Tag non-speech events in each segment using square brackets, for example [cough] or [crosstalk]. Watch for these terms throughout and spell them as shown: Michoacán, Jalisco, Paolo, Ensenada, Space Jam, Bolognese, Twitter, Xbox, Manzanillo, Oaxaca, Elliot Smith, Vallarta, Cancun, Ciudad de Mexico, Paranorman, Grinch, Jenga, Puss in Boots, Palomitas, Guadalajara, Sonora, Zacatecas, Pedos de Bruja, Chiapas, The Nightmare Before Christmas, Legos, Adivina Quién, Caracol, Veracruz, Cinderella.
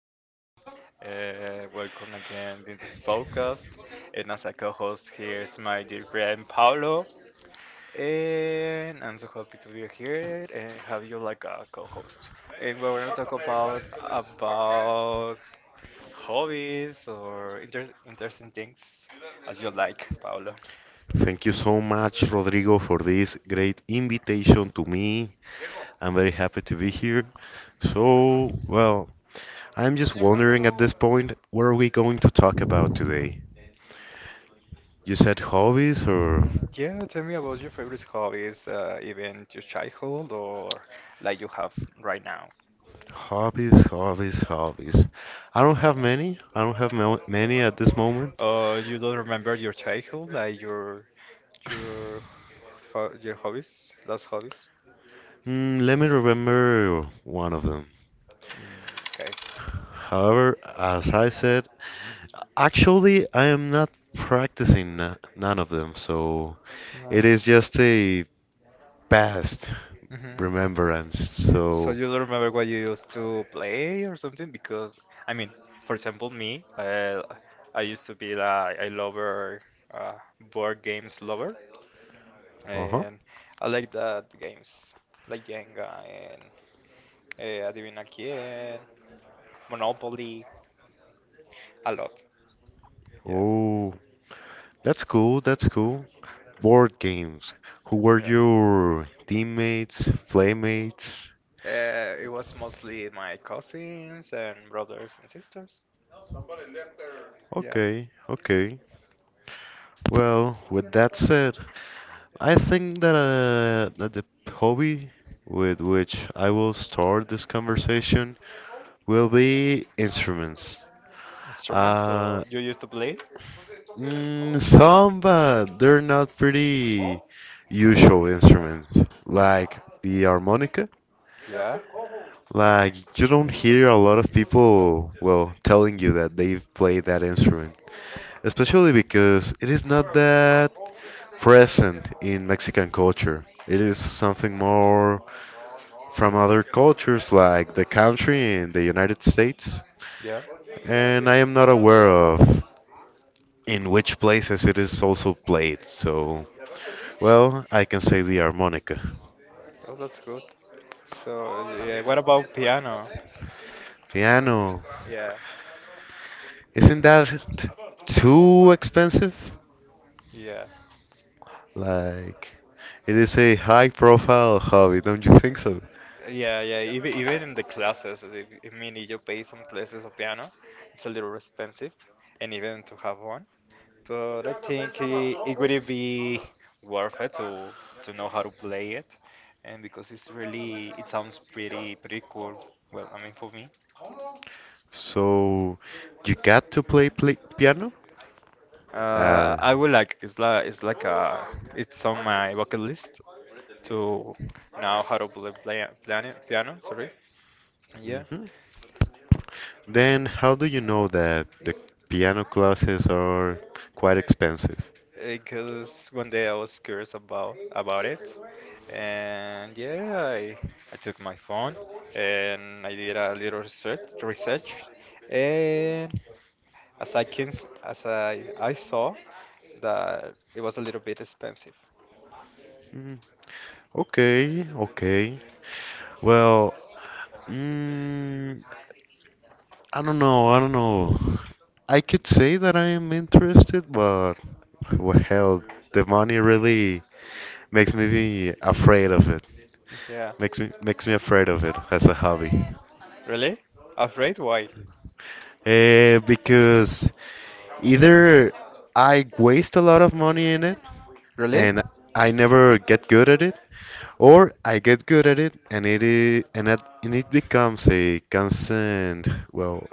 afternoon. Welcome again in this podcast. And as a co host, here's my dear friend Paolo. And I'm so happy to be here and have you like a co host. And we're going to talk about hobbies or interesting things as you like, Paolo. Thank you so much, Rodrigo, for this great invitation to me. I'm very happy to be here. So, well, I'm just wondering at this point, what are we going to talk about today? You said hobbies or Yeah, tell me about your favorite hobbies, even your childhood or like you have right now. hobbies, hobbies, hobbies. I don't have Yeah. many. I don't have many at this moment. You don't remember your childhood, like your your hobbies, last hobbies? Let me remember one of them. Mm, okay. However, as I said, actually, I am not practicing none of them, so No. it is just a past Hmm. remembrance. So So, you don't remember what you used to play or something? Because I mean, for example, me, I used to be like a lover, uh, board games lover, uh-huh. and I like that games like Jenga and Adivina Quién, Monopoly, a lot. Oh, that's cool. That's cool. Board games. Who were Yeah, your teammates, playmates? it was mostly my cousins and brothers and sisters. Yeah. Okay, okay. Well, with that said, I think that the hobby with which I will start this conversation will be instruments. Instruments? Uh, So you used to play? some, but they're not pretty usual instruments, like the harmonica. Yeah. Like, you don't hear a lot of people, well, telling you that they've played that instrument, especially because it is not that present in Mexican culture. It is something more from other cultures, like the country in the United States, Yeah. and I am not aware of in which places it is also played, so. Well, I can say the harmonica. Oh, that's good. So yeah, what about piano? Piano. Yeah. Isn't that too expensive? Yeah. Like, it is a high profile hobby, don't you think so? Yeah, yeah. Even in the classes, as if, I mean, if you pay some classes of piano, it's a little expensive, and even to have one. But I think it would be worth it to know how to play it, and because it's really it sounds pretty cool. Well, I mean for me, So, you got to play piano? Uh, I would like it's like it's like a it's on my bucket list to know how to play, play piano piano. Sorry, yeah, mhm. Then, how do you know that the piano classes are quite expensive? because one day I was curious about it, and yeah, I took my phone and I did a little research. And as I saw that it was a little bit expensive. Mm, okay, okay. Well, mm, I don't know. I don't know. I could say that I am interested, but well, hell, the money really makes me be afraid of it. Yeah. Makes me afraid of it as a hobby. Really? Afraid? Why? Because either I waste a lot of money in it Really? and I never get good at it, or I get good at it and it is, and it becomes a constant well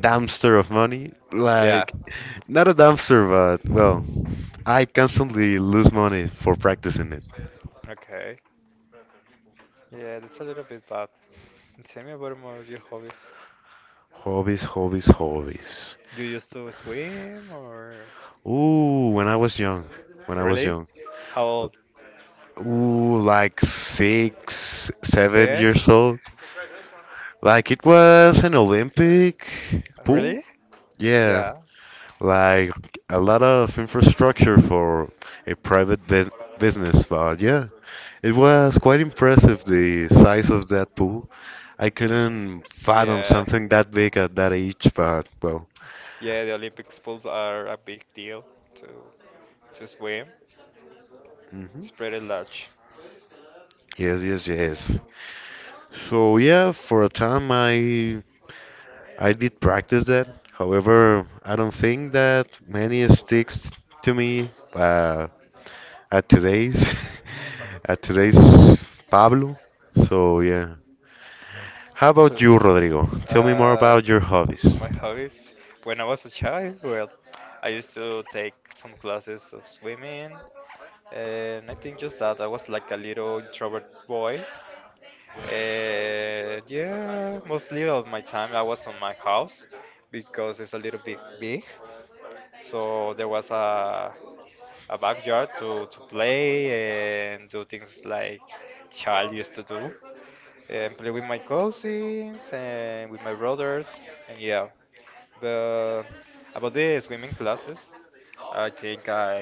dumpster of money. Yeah. Like not a dumpster, but well I constantly lose money for practicing it. Okay. Yeah, that's a little bit bad. And tell me about more of your hobbies. Hobbies, hobbies, hobbies. You used to swim or Ooh, when I was young, when I was really? young. How old? Ooh, like 6, seven Six? years old. Like it was an Olympic pool. Really? Yeah, Yeah. like a lot of infrastructure for a private bus business, but yeah, it was quite impressive the size of that pool. I couldn't fathom Yeah. something that big at that age, but well. Yeah, the Olympic pools are a big deal to to swim. Hmm. It's pretty large. Yes, yes, yes. So yeah, for a time I did practice that. However, I don't think that many sticks to me at today's [laughs] at today's Pablo. So yeah. How about Sure. you, Rodrigo? Tell me more Uh, about your hobbies. my hobbies. When I was a child, well, I used to take some classes of swimming, and I think just that I was like a little introvert boy. And yeah, mostly of my time I was on my house because it's a little bit big. So there was a backyard to play and do things like child used to do. And play with my cousins and with my brothers and yeah but about the swimming classes I think I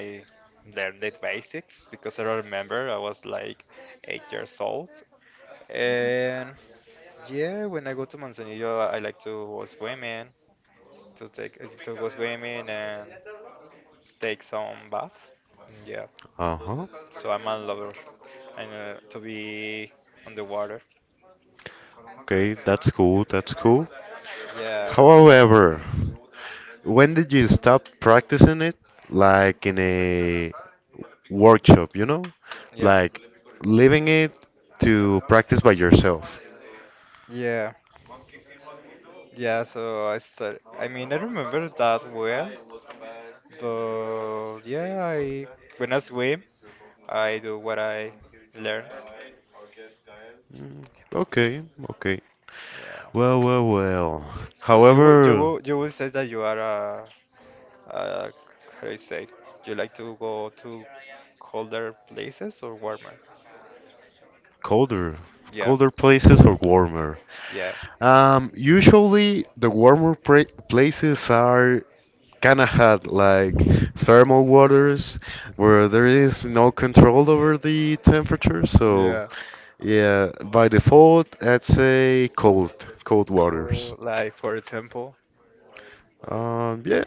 learned the basics because I remember I was like 8 years old and yeah when I go to Manzanillo I like to go swimming to take to go swimming and take some bath yeah Uh-huh. so I'm a lover and to be on the water. Okay, that's cool. That's cool. Yeah, However, when did you stop practicing it? Like in a workshop, you know? yeah, Like leaving it to practice by yourself. yeah, yeah. So I start. I mean, I remember that well, but yeah, I when I swim, I do what I learned. Mm, okay, okay. Yeah. Well, well, well. So you would you However, would you would say that you are a how do you say? You like to go to colder places or warmer? colder, Yeah, colder places or warmer. yeah, Usually the warmer pra places are kind of hot, like thermal waters, where there is no control over the temperature. So, yeah. yeah, by default, I'd say cold, cold waters. Cool, like for example, Yeah,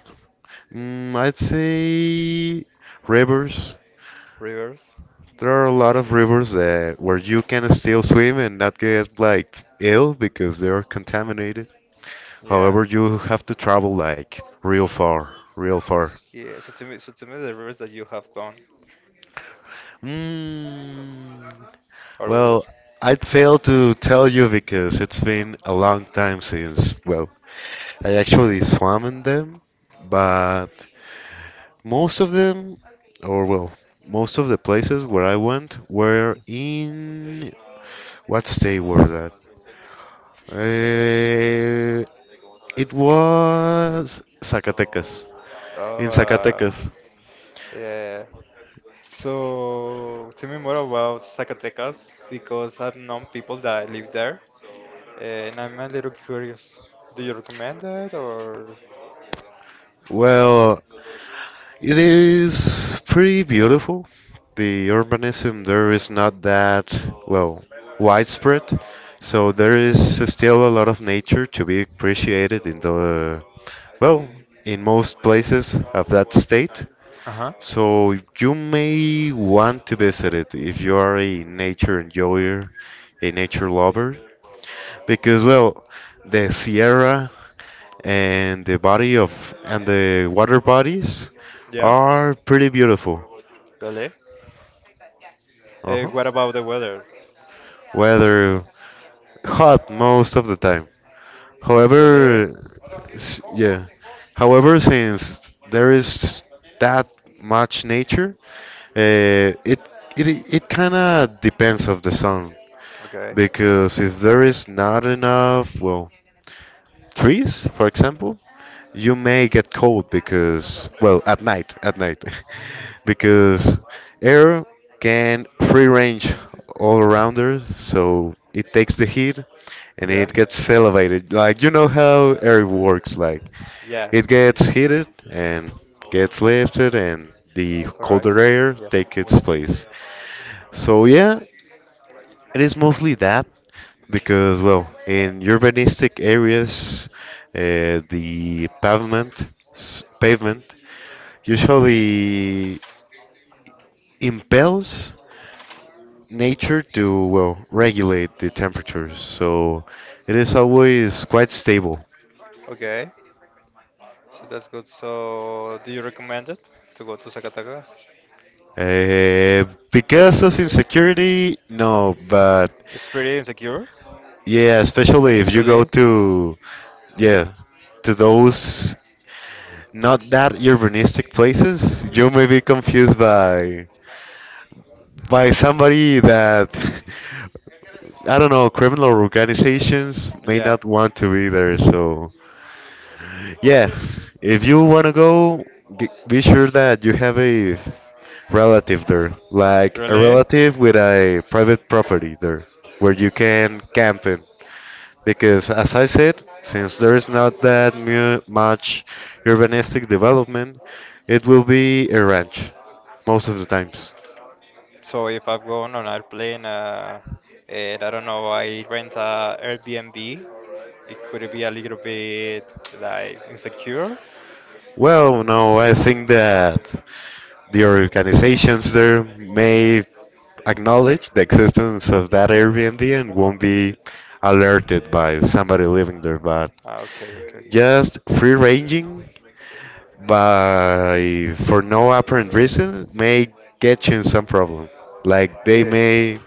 I'd say rivers. rivers. There are a lot of rivers that where you can still swim and not get like ill because they are contaminated. Yeah. However, you have to travel like real far, real far. Yeah. So tell me the rivers that you have gone, Mm, or w- well, I'd fail to tell you because it's been a long time since, well, I actually swam in them, but most of them, or well, most of the places where I went were in What state were that? Uh, it was Zacatecas. oh, In Zacatecas. yeah. Yeah, yeah. So tell me more about Zacatecas because I've known people that live there, and I'm a little curious. Do you recommend it or what? Well, it is pretty beautiful. The urbanism there is not that, well, widespread. So there is still a lot of nature to be appreciated in the, well, in most places of that state. Uh-huh. So you may want to visit it if you are a nature enjoyer, a nature lover, because well, the Sierra and the body of and the water bodies Yeah. are pretty beautiful. Really? Uh, Uh-huh. what about the weather? Weather hot most of the time. Really? However, yeah. However, since there is that much nature, it it it kind of depends of the sun. Okay. Because if there is not enough, well, trees, for example, you may get cold because, well, at night, [laughs] because air can free range all around us, so it takes the heat and Yeah. it gets elevated. Like, you know how air works, like, Yeah. it gets heated and gets lifted, and the Opera colder rice. air Yeah. takes its Yeah. place. So, yeah, it is mostly that. Because, well, in urbanistic areas, the pavement usually impels nature to, well, regulate the temperatures. So it is always quite stable. Christmas? So that's good. So do you recommend it to go to Zacatecas? Uh, because of insecurity, no, but It's pretty insecure. yeah, especially if you go Really? to, yeah, to those not that urbanistic places, you may be confused by somebody that [laughs] I don't know, criminal organizations may not want to be there. So, yeah, if you want to go, be sure that you have a relative there, To like a really? relative with a private property there, where you can camp in. Because, as I said, since there is not that much urbanistic development, it will be a ranch most of the times. So if I'm going on airplane, and I don't know, I rent a Airbnb. It could be a little bit like insecure. Well, no, I think that the organizations there may acknowledge the existence of that Airbnb and won't be alerted by somebody living there, but Ah, okay, okay. just free ranging by for no apparent reason may get you in some problem. Like they Yeah. may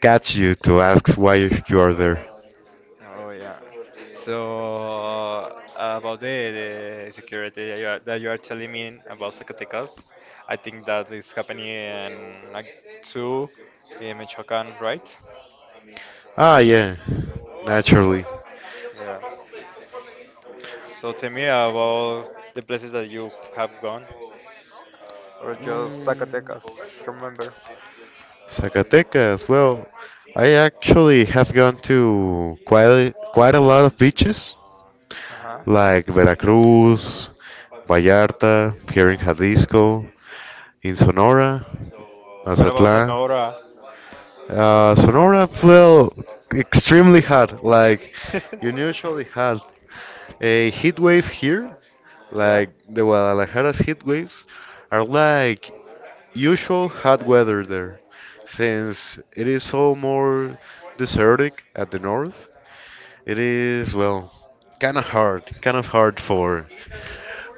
catch you to ask why you are there. Oh yeah. So about the security that that you are telling me about Zacatecas, I think that is happening in Act 2 in Michoacán, right? Ah, yeah, naturally. Yeah. So tell me about the places that you have gone, or just Mm, Zacatecas, remember? Zacatecas, well, I actually have gone to quite a lot of beaches, Uh-huh. like Veracruz, Vallarta, here in Jalisco, in Sonora, What about Mazatlán. Sonora? Sonora, well, extremely hot, like unusually [laughs] hot. A heat wave here, Yeah. like the Guadalajara's heat waves, are like usual hot weather there, since it is so more desertic at the north. It is well, kind of hard for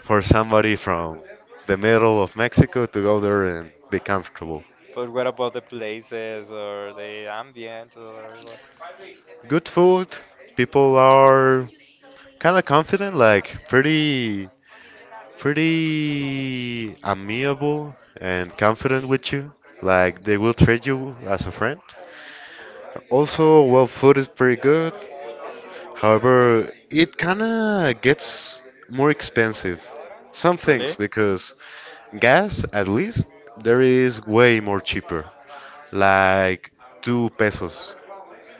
for somebody from the middle of Mexico to go there and be comfortable. But what about the places or the ambient or what? Good food, people are kind of confident, like pretty pretty amiable and confident with you. Like they will treat you as a friend. Also, well, food is pretty good. However, it kinda gets more expensive. Some things, Really? because gas, at least, there is way more cheaper. Like 2 pesos.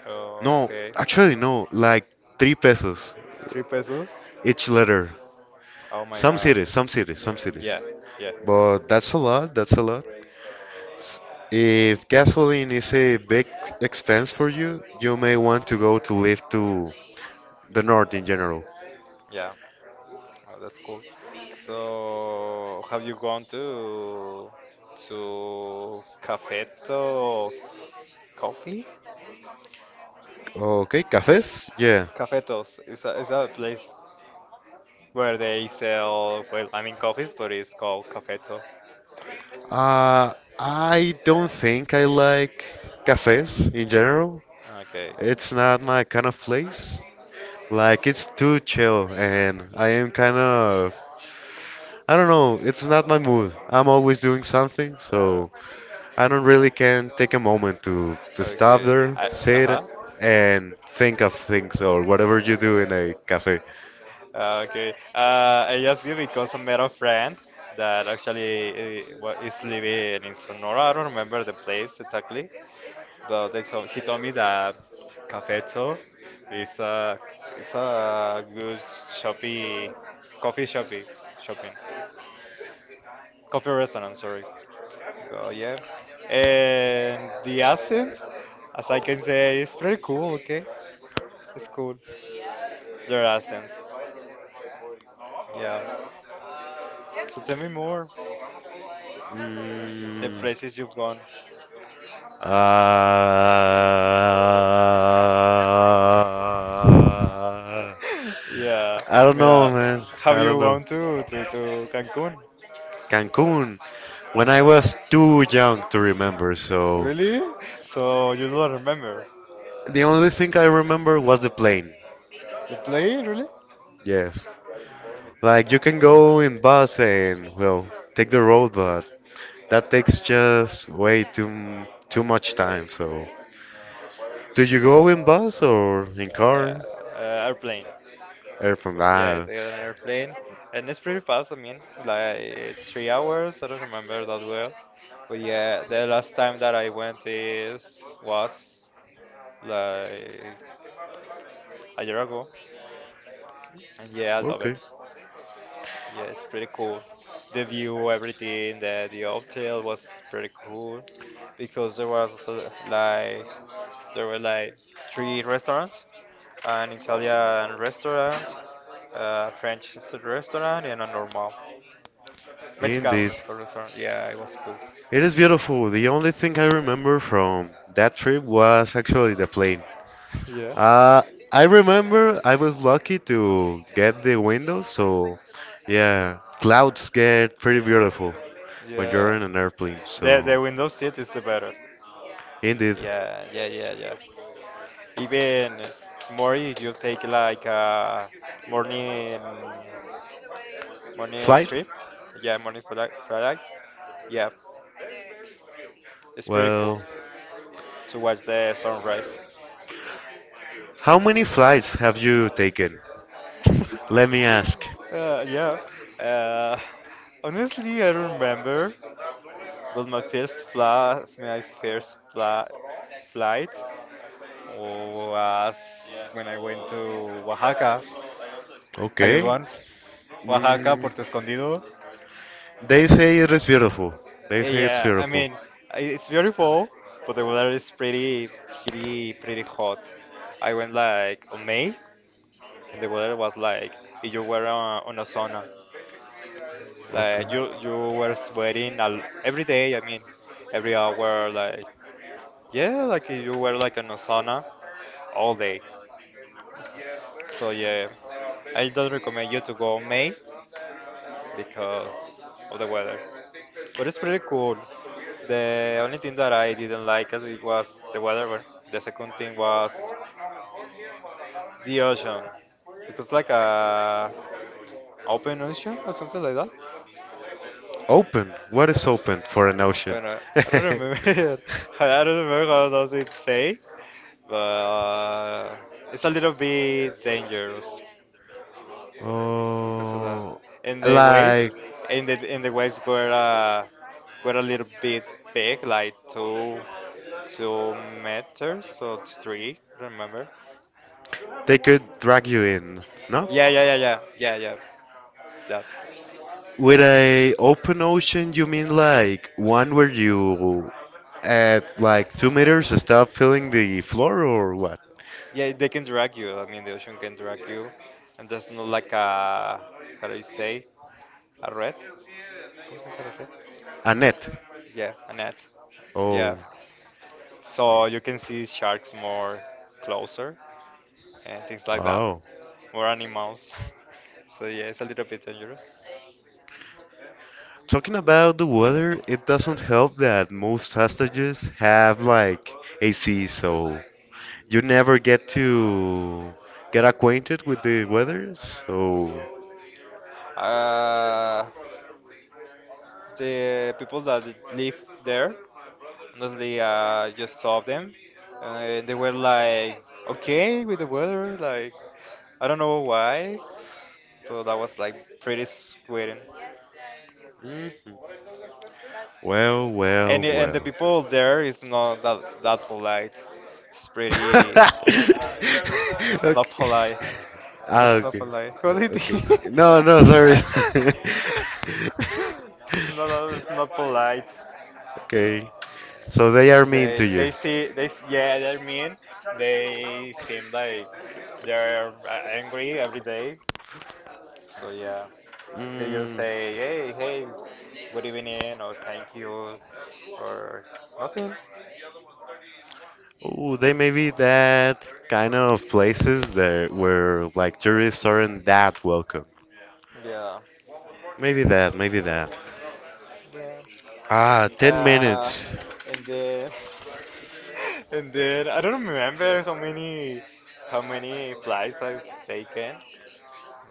Oh, No, okay. actually, no, like 3 pesos Three pesos? each letter. Oh my Some god. cities, some cities, some cities. Yeah, yeah. But that's a lot, that's a lot. If gasoline is a big expense for you, you may want to go to live to the north in general. Yeah, oh, that's cool. So, have you gone to Cafetos Coffee? Okay, cafes? Yeah. Cafetos is a place where they sell well, I mean coffees, but it's called Cafeto. Uh, I don't think I like cafes in general. Okay. It's not my kind of place. Like it's too chill and I am kind of I don't know, it's not my mood. I'm always doing something, Uh, so I don't really can take a moment to stop okay. there, I, uh-huh. sit and think of things or whatever you do in a cafe. Okay. I just give because I met a friend that actually is living in Sonora. I don't remember the place exactly, but he told me that Cafeto is a it's a good shoppy coffee shoppy shopping coffee restaurant. Sorry. Oh yeah. And the accent, as I can say, is pretty cool, okay? It's cool. Their accent. Yeah. So tell me more. The Mm, places you've gone. uh, [laughs] Yeah. I don't know, Mira, man. have I don't you know. gone to Cancun? Cancun, when I was too young to remember, so Really? So you don't remember the only thing I remember was the plane. the plane, really? Yes. Like you can go in bus and well, take the road, but that takes just way too much time. So, do you go in bus or in Uh, car? airplane. Airplane. Yeah, Ah, it's an airplane, and it's pretty fast. I mean, like 3 hours. I don't remember that well, but yeah, the last time that I went is was like a year ago, and yeah, I love it. okay. Yeah, it's pretty cool. The view, everything, the hotel was pretty cool because there was like there were like three restaurants, an Italian restaurant, a French restaurant, and a normal Mexican Indeed. Mexican restaurant. Yeah, it was cool. [laughs] It is beautiful. The only thing I remember from that trip was actually the plane. Uh, I remember I was lucky to get the window, so yeah, clouds get pretty beautiful when you're Yeah. Yeah. in an airplane. So The Windows 7 is the better. indeed, Yeah, yeah, yeah, yeah. Even more if you take like a morning morning flight. trip. Yeah, morning flight. Flight. Yeah, it's pretty cool Well, to watch the sunrise. how many flights have you taken? Let [laughs] me ask. Yeah. Uh, honestly, I don't remember. But my first fla flight was when I went to Oaxaca. Have you Okay. gone? Oaxaca, Mm, Puerto Escondido. they say it is beautiful. They Eh, say it's yeah, I beautiful. mean, it's beautiful, but the weather is pretty hot. I went like on May, and the weather was like if you were on a sauna, Okay. like you were sweating al- every day. I mean, every hour, like yeah, like if you were like on a sauna all day. So yeah, I don't recommend you to go on May because of the weather. But it's pretty cool. The only thing that I didn't like as it was the weather. But the second thing was the ocean, because like a open ocean or something like that. Open. What is open for an ocean? I don't I don't remember. [laughs] [laughs] I don't remember how does it say, but it's a little bit dangerous because of that. Oh, And the like waves, and the waves were a little bit big, like two meters or three. Remember? they could drag you in, no? Yeah, yeah, yeah, yeah, yeah, yeah. That. With a open ocean, you mean like one where you at like 2 meters stop feeling the floor or what? Yeah, they can drag you. I mean, the ocean can drag you, and that's not like a how do you say a red? ¿Cómo se dice la red? A net. Yeah, a net. Oh, Yeah. So you can see sharks more closer and things like that. wow. Or animals. [laughs] So yeah, it's a little bit dangerous. Talking about the weather, it doesn't help that most hostages have like AC, so you never get to get acquainted with the weather. So, Uh, the people that live there, honestly, just saw them, and they were like okay with the weather. Like I don't know why, but that was like pretty sweating. mhm. Well, well, And the well. people there is not that polite. It's pretty. [laughs] It's not Okay. polite. Ah, That's not okay. a lie. Quality. Okay. It's No, no, [laughs] sorry. [laughs] no, no, it's not polite. Okay. So they are Yeah. mean to you. They see they s- yeah they're mean. They seem like they're angry every day. So yeah, they just Mm. say hey, good evening or thank you or nothing. Ooh, they may be that kind of places that where like tourists aren't that welcome. Yeah, Maybe that, maybe that. yeah. Ah, 10 Uh, minutes. and then and then I don't remember how many flights I've taken.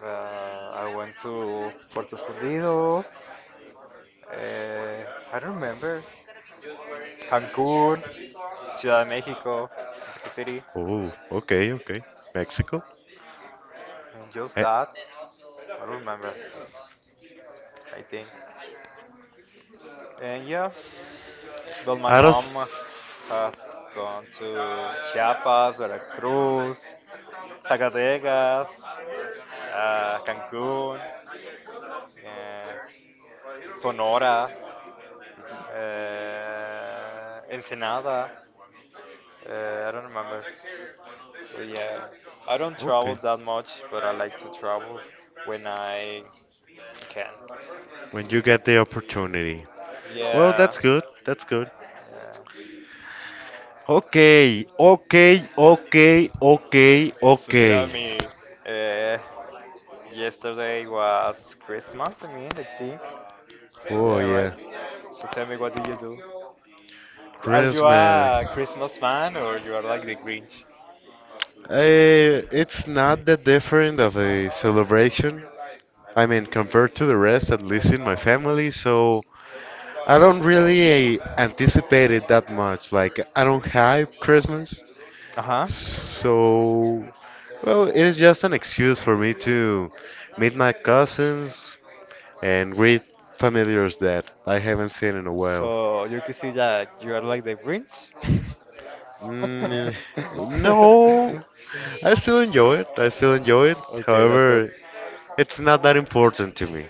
I went to Puerto Escondido. Uh, I don't remember. Cancun, Ciudad de Mexico, Mexico City, Oh, okay, okay. Mexico? and just I, that. I don't remember. I think. And yeah. Well, my out of. mom has gone to Chiapas, Veracruz, Zacatecas, Cancun, uh, Sonora, Ensenada. I don't remember. But yeah, I don't travel Okay. that much, but I like to travel when I can. When you get the opportunity. Well, Yeah, that's good. That's good. yeah. Okay, okay, okay, okay, So okay. tell me, uh, yesterday was Christmas, I mean, I think. Oh Yeah, right. yeah, So tell me, what did you do? Are you Christmas. a Christmas fan or you are like the Grinch? It's not that different of a celebration. I mean, compared to the rest, at least in my family. So I don't really anticipate it that much. Like I don't hype Christmas. Uh-huh. So well, it is just an excuse for me to meet my cousins, and greet familiars that I haven't seen in a while. So you can see that you are like the Grinch. Mm, no, [laughs] I still enjoy it. I still enjoy it. Okay, that's good. However, it's not that important to me.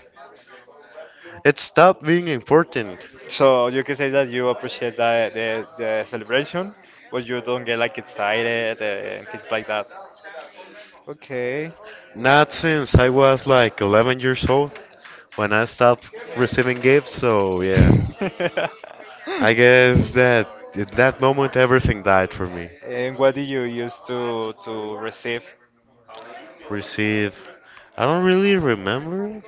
It stopped being important. So you can say that you appreciate the celebration, but you don't get like excited and things like that. Okay. Not since I was like 11 years old when I stopped receiving gifts. So, yeah. [laughs] I guess that at that moment everything died for me. And what do you use to receive? Receive. I don't really remember.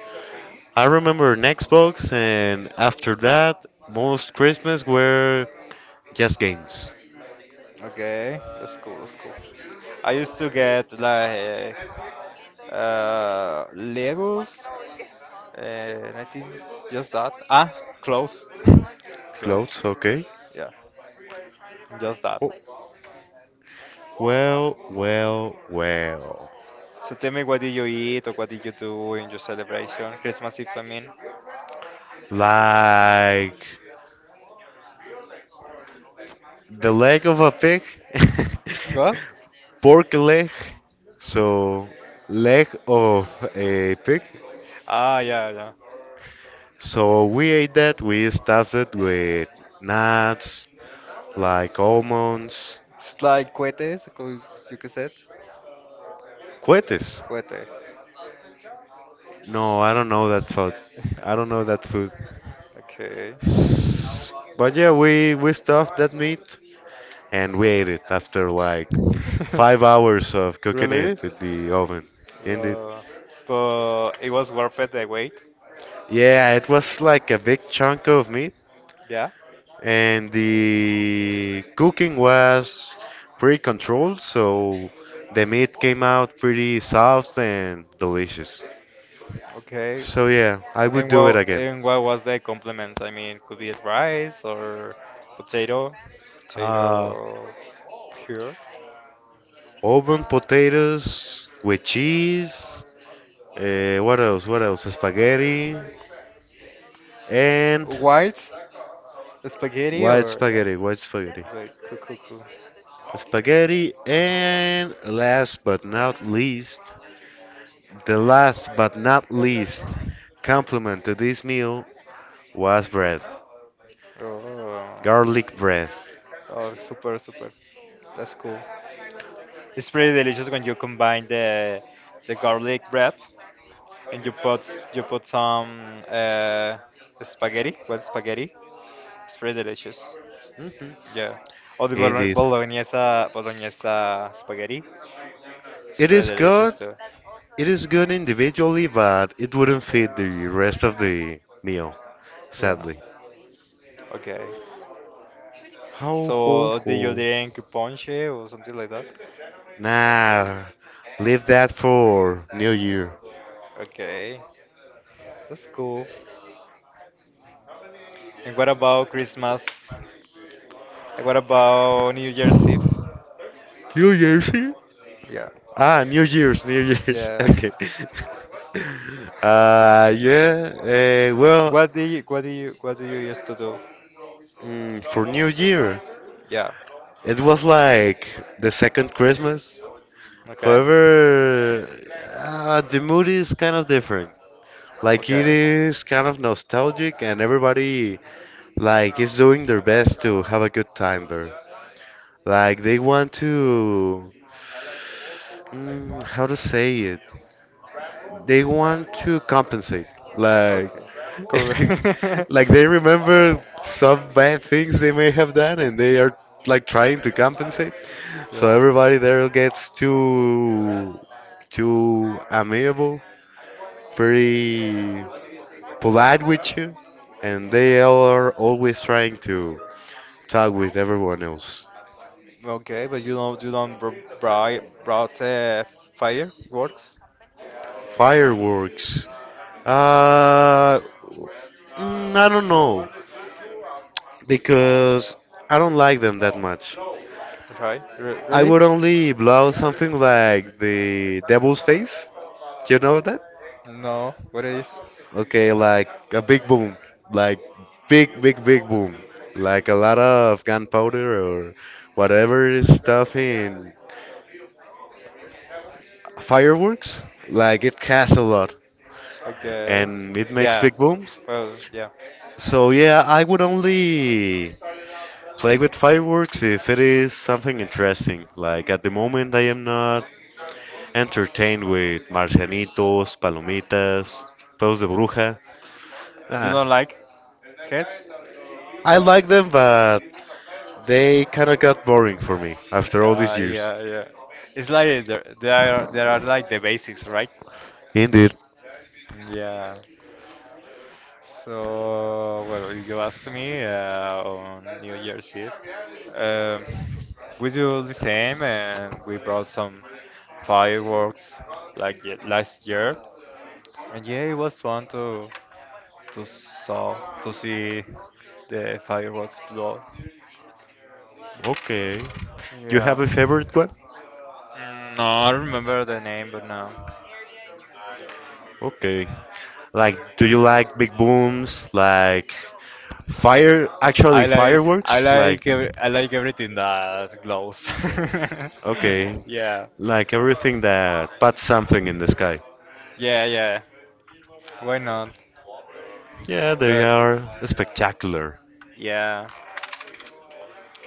I remember an Xbox, and after that, most Christmas were just games. Okay, that's cool, that's cool. I used to get like Legos and I think just that. Ah, clothes. [laughs] Clothes. Clothes, okay. Yeah, just that. Oh, well, well, well. So tell me what did you eat or what did you do in your celebration? Christmas Eve, I mean. Like the leg of a pig, What? [laughs] pork leg. So leg of a pig. Ah, yeah, yeah. So we ate that. We stuffed it with nuts, like almonds, It's like cohetes, you que said? cohetes. Cohete. [laughs] No, I don't know that food. I don't know that food. Okay. S- But yeah, we stuffed that meat and we ate it after like 5 hours of [laughs] cooking it Really? in the oven. Indeed. Uh, but it was worth it the wait. Yeah, it was like a big chunk of meat, Yeah. and the cooking was pretty controlled, so the meat came out pretty soft and delicious. Okay. So yeah, I would do it again. And what was the compliments? I mean, could be rice or potato, Uh, potato pure, Oven potatoes with cheese. What else? What else? Spaghetti and white spaghetti white or yeah. spaghetti. White spaghetti. Like coo coo Spaghetti and last but not least, the last but not least complement to coo. this meal was bread. Oh, oh, Garlic oh. bread. Oh, super, super. That's cool. It's pretty delicious when you combine the garlic bread and you put some spaghetti, well spaghetti. It's pretty delicious. Mhm. Yeah. Or the bolo- Indeed. bolognese bolognese spaghetti. It's It pretty is delicious good. too. It is good individually, but it wouldn't fit the rest of the meal, Yeah. sadly. Okay. Ho ho So ho. did you drink ponche or something like that? Nah, leave that for New Year. Okay. That's cool. And what about Christmas? And what about New Year's Eve? New Year's? Eve? Yeah. Ah, New Year's, New Year's. [laughs] Yeah. [laughs] Okay. [laughs] Yeah. Well, What do you what do you what do you used to do? For New Year, Yeah. it was like the second Christmas. Okay. However, the mood is kind of different. Like it Okay. is kind of nostalgic, and everybody like is doing their best to have a good time there. Like they want to how to say it? They want to compensate, like, Okay. Cool. [laughs] like they [laughs] remember some bad things they may have done, and they are like trying to compensate. So Yeah. everybody there gets too, too amiable, very polite with you, and they are always trying to talk with everyone else. Okay, but you don't br bri brought fireworks, Fireworks. Uh, I don't know, because I don't like them that much. right? Re I really? would only blow something like the devil's face. Do you know that? No. What is? Okay, like a big boom, like big, big, big boom, like a lot of gunpowder or whatever is stuff in fireworks. Like it casts a lot Okay. and it makes Yeah. big booms. Well, yeah. So yeah, I would only play with fireworks if it is something interesting. Like at the moment, I am not entertained with Marcianitos, Palomitas, Pedos de Bruja. You Nah, don't like cat? I like them, but they kinda got boring for me after all these years. Yeah, yeah. It's like there are like the basics, right? Indeed. Yeah. So, well, if you asked me on New Year's Eve, um, we do the same and we brought some fireworks like last year. And yeah, it was fun to saw to see the fireworks blow. Okay. You have Yeah. a favorite one? Mm, no, I remember the name, but no. Okay. Like, do you like big booms? Like, fire, actually I like I fireworks? Like, like ev- I like everything that glows. [laughs] okay. Yeah. Like everything that puts something in the sky. Yeah, yeah. Why not? Yeah, they But are it's spectacular. yeah,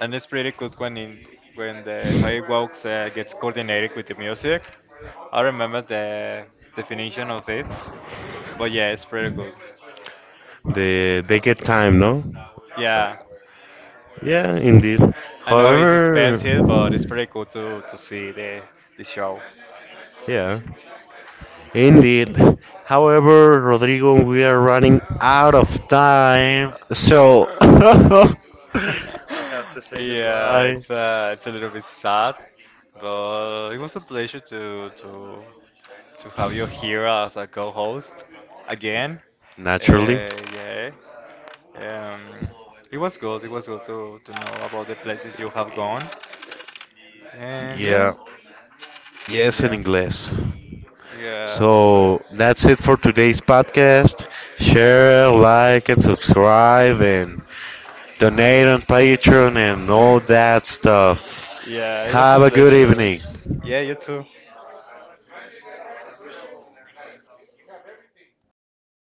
and it's pretty good when in, when the fireworks gets coordinated with the music. I remember the definition of it, but yeah, it's pretty good. They get time, no? Yeah, Yeah, indeed. I know it's However, expensive, but it's pretty cool to see the show. yeah, indeed. However, Rodrigo, we are running out of time, so [laughs] we [laughs] have to say Yeah, goodbye. It's a little bit sad, but it was a pleasure to have you here as a co-host again. Uh, Naturally. yeah. Um, it was good. It was good to know about the places you have gone. And yeah, Yeah. Yes, in yeah, English. yeah. So So that's it for today's podcast. Share, like, and subscribe, and donate on Patreon and all that [laughs] stuff. yeah, it was a Have a good pleasure. evening. Yeah, you too.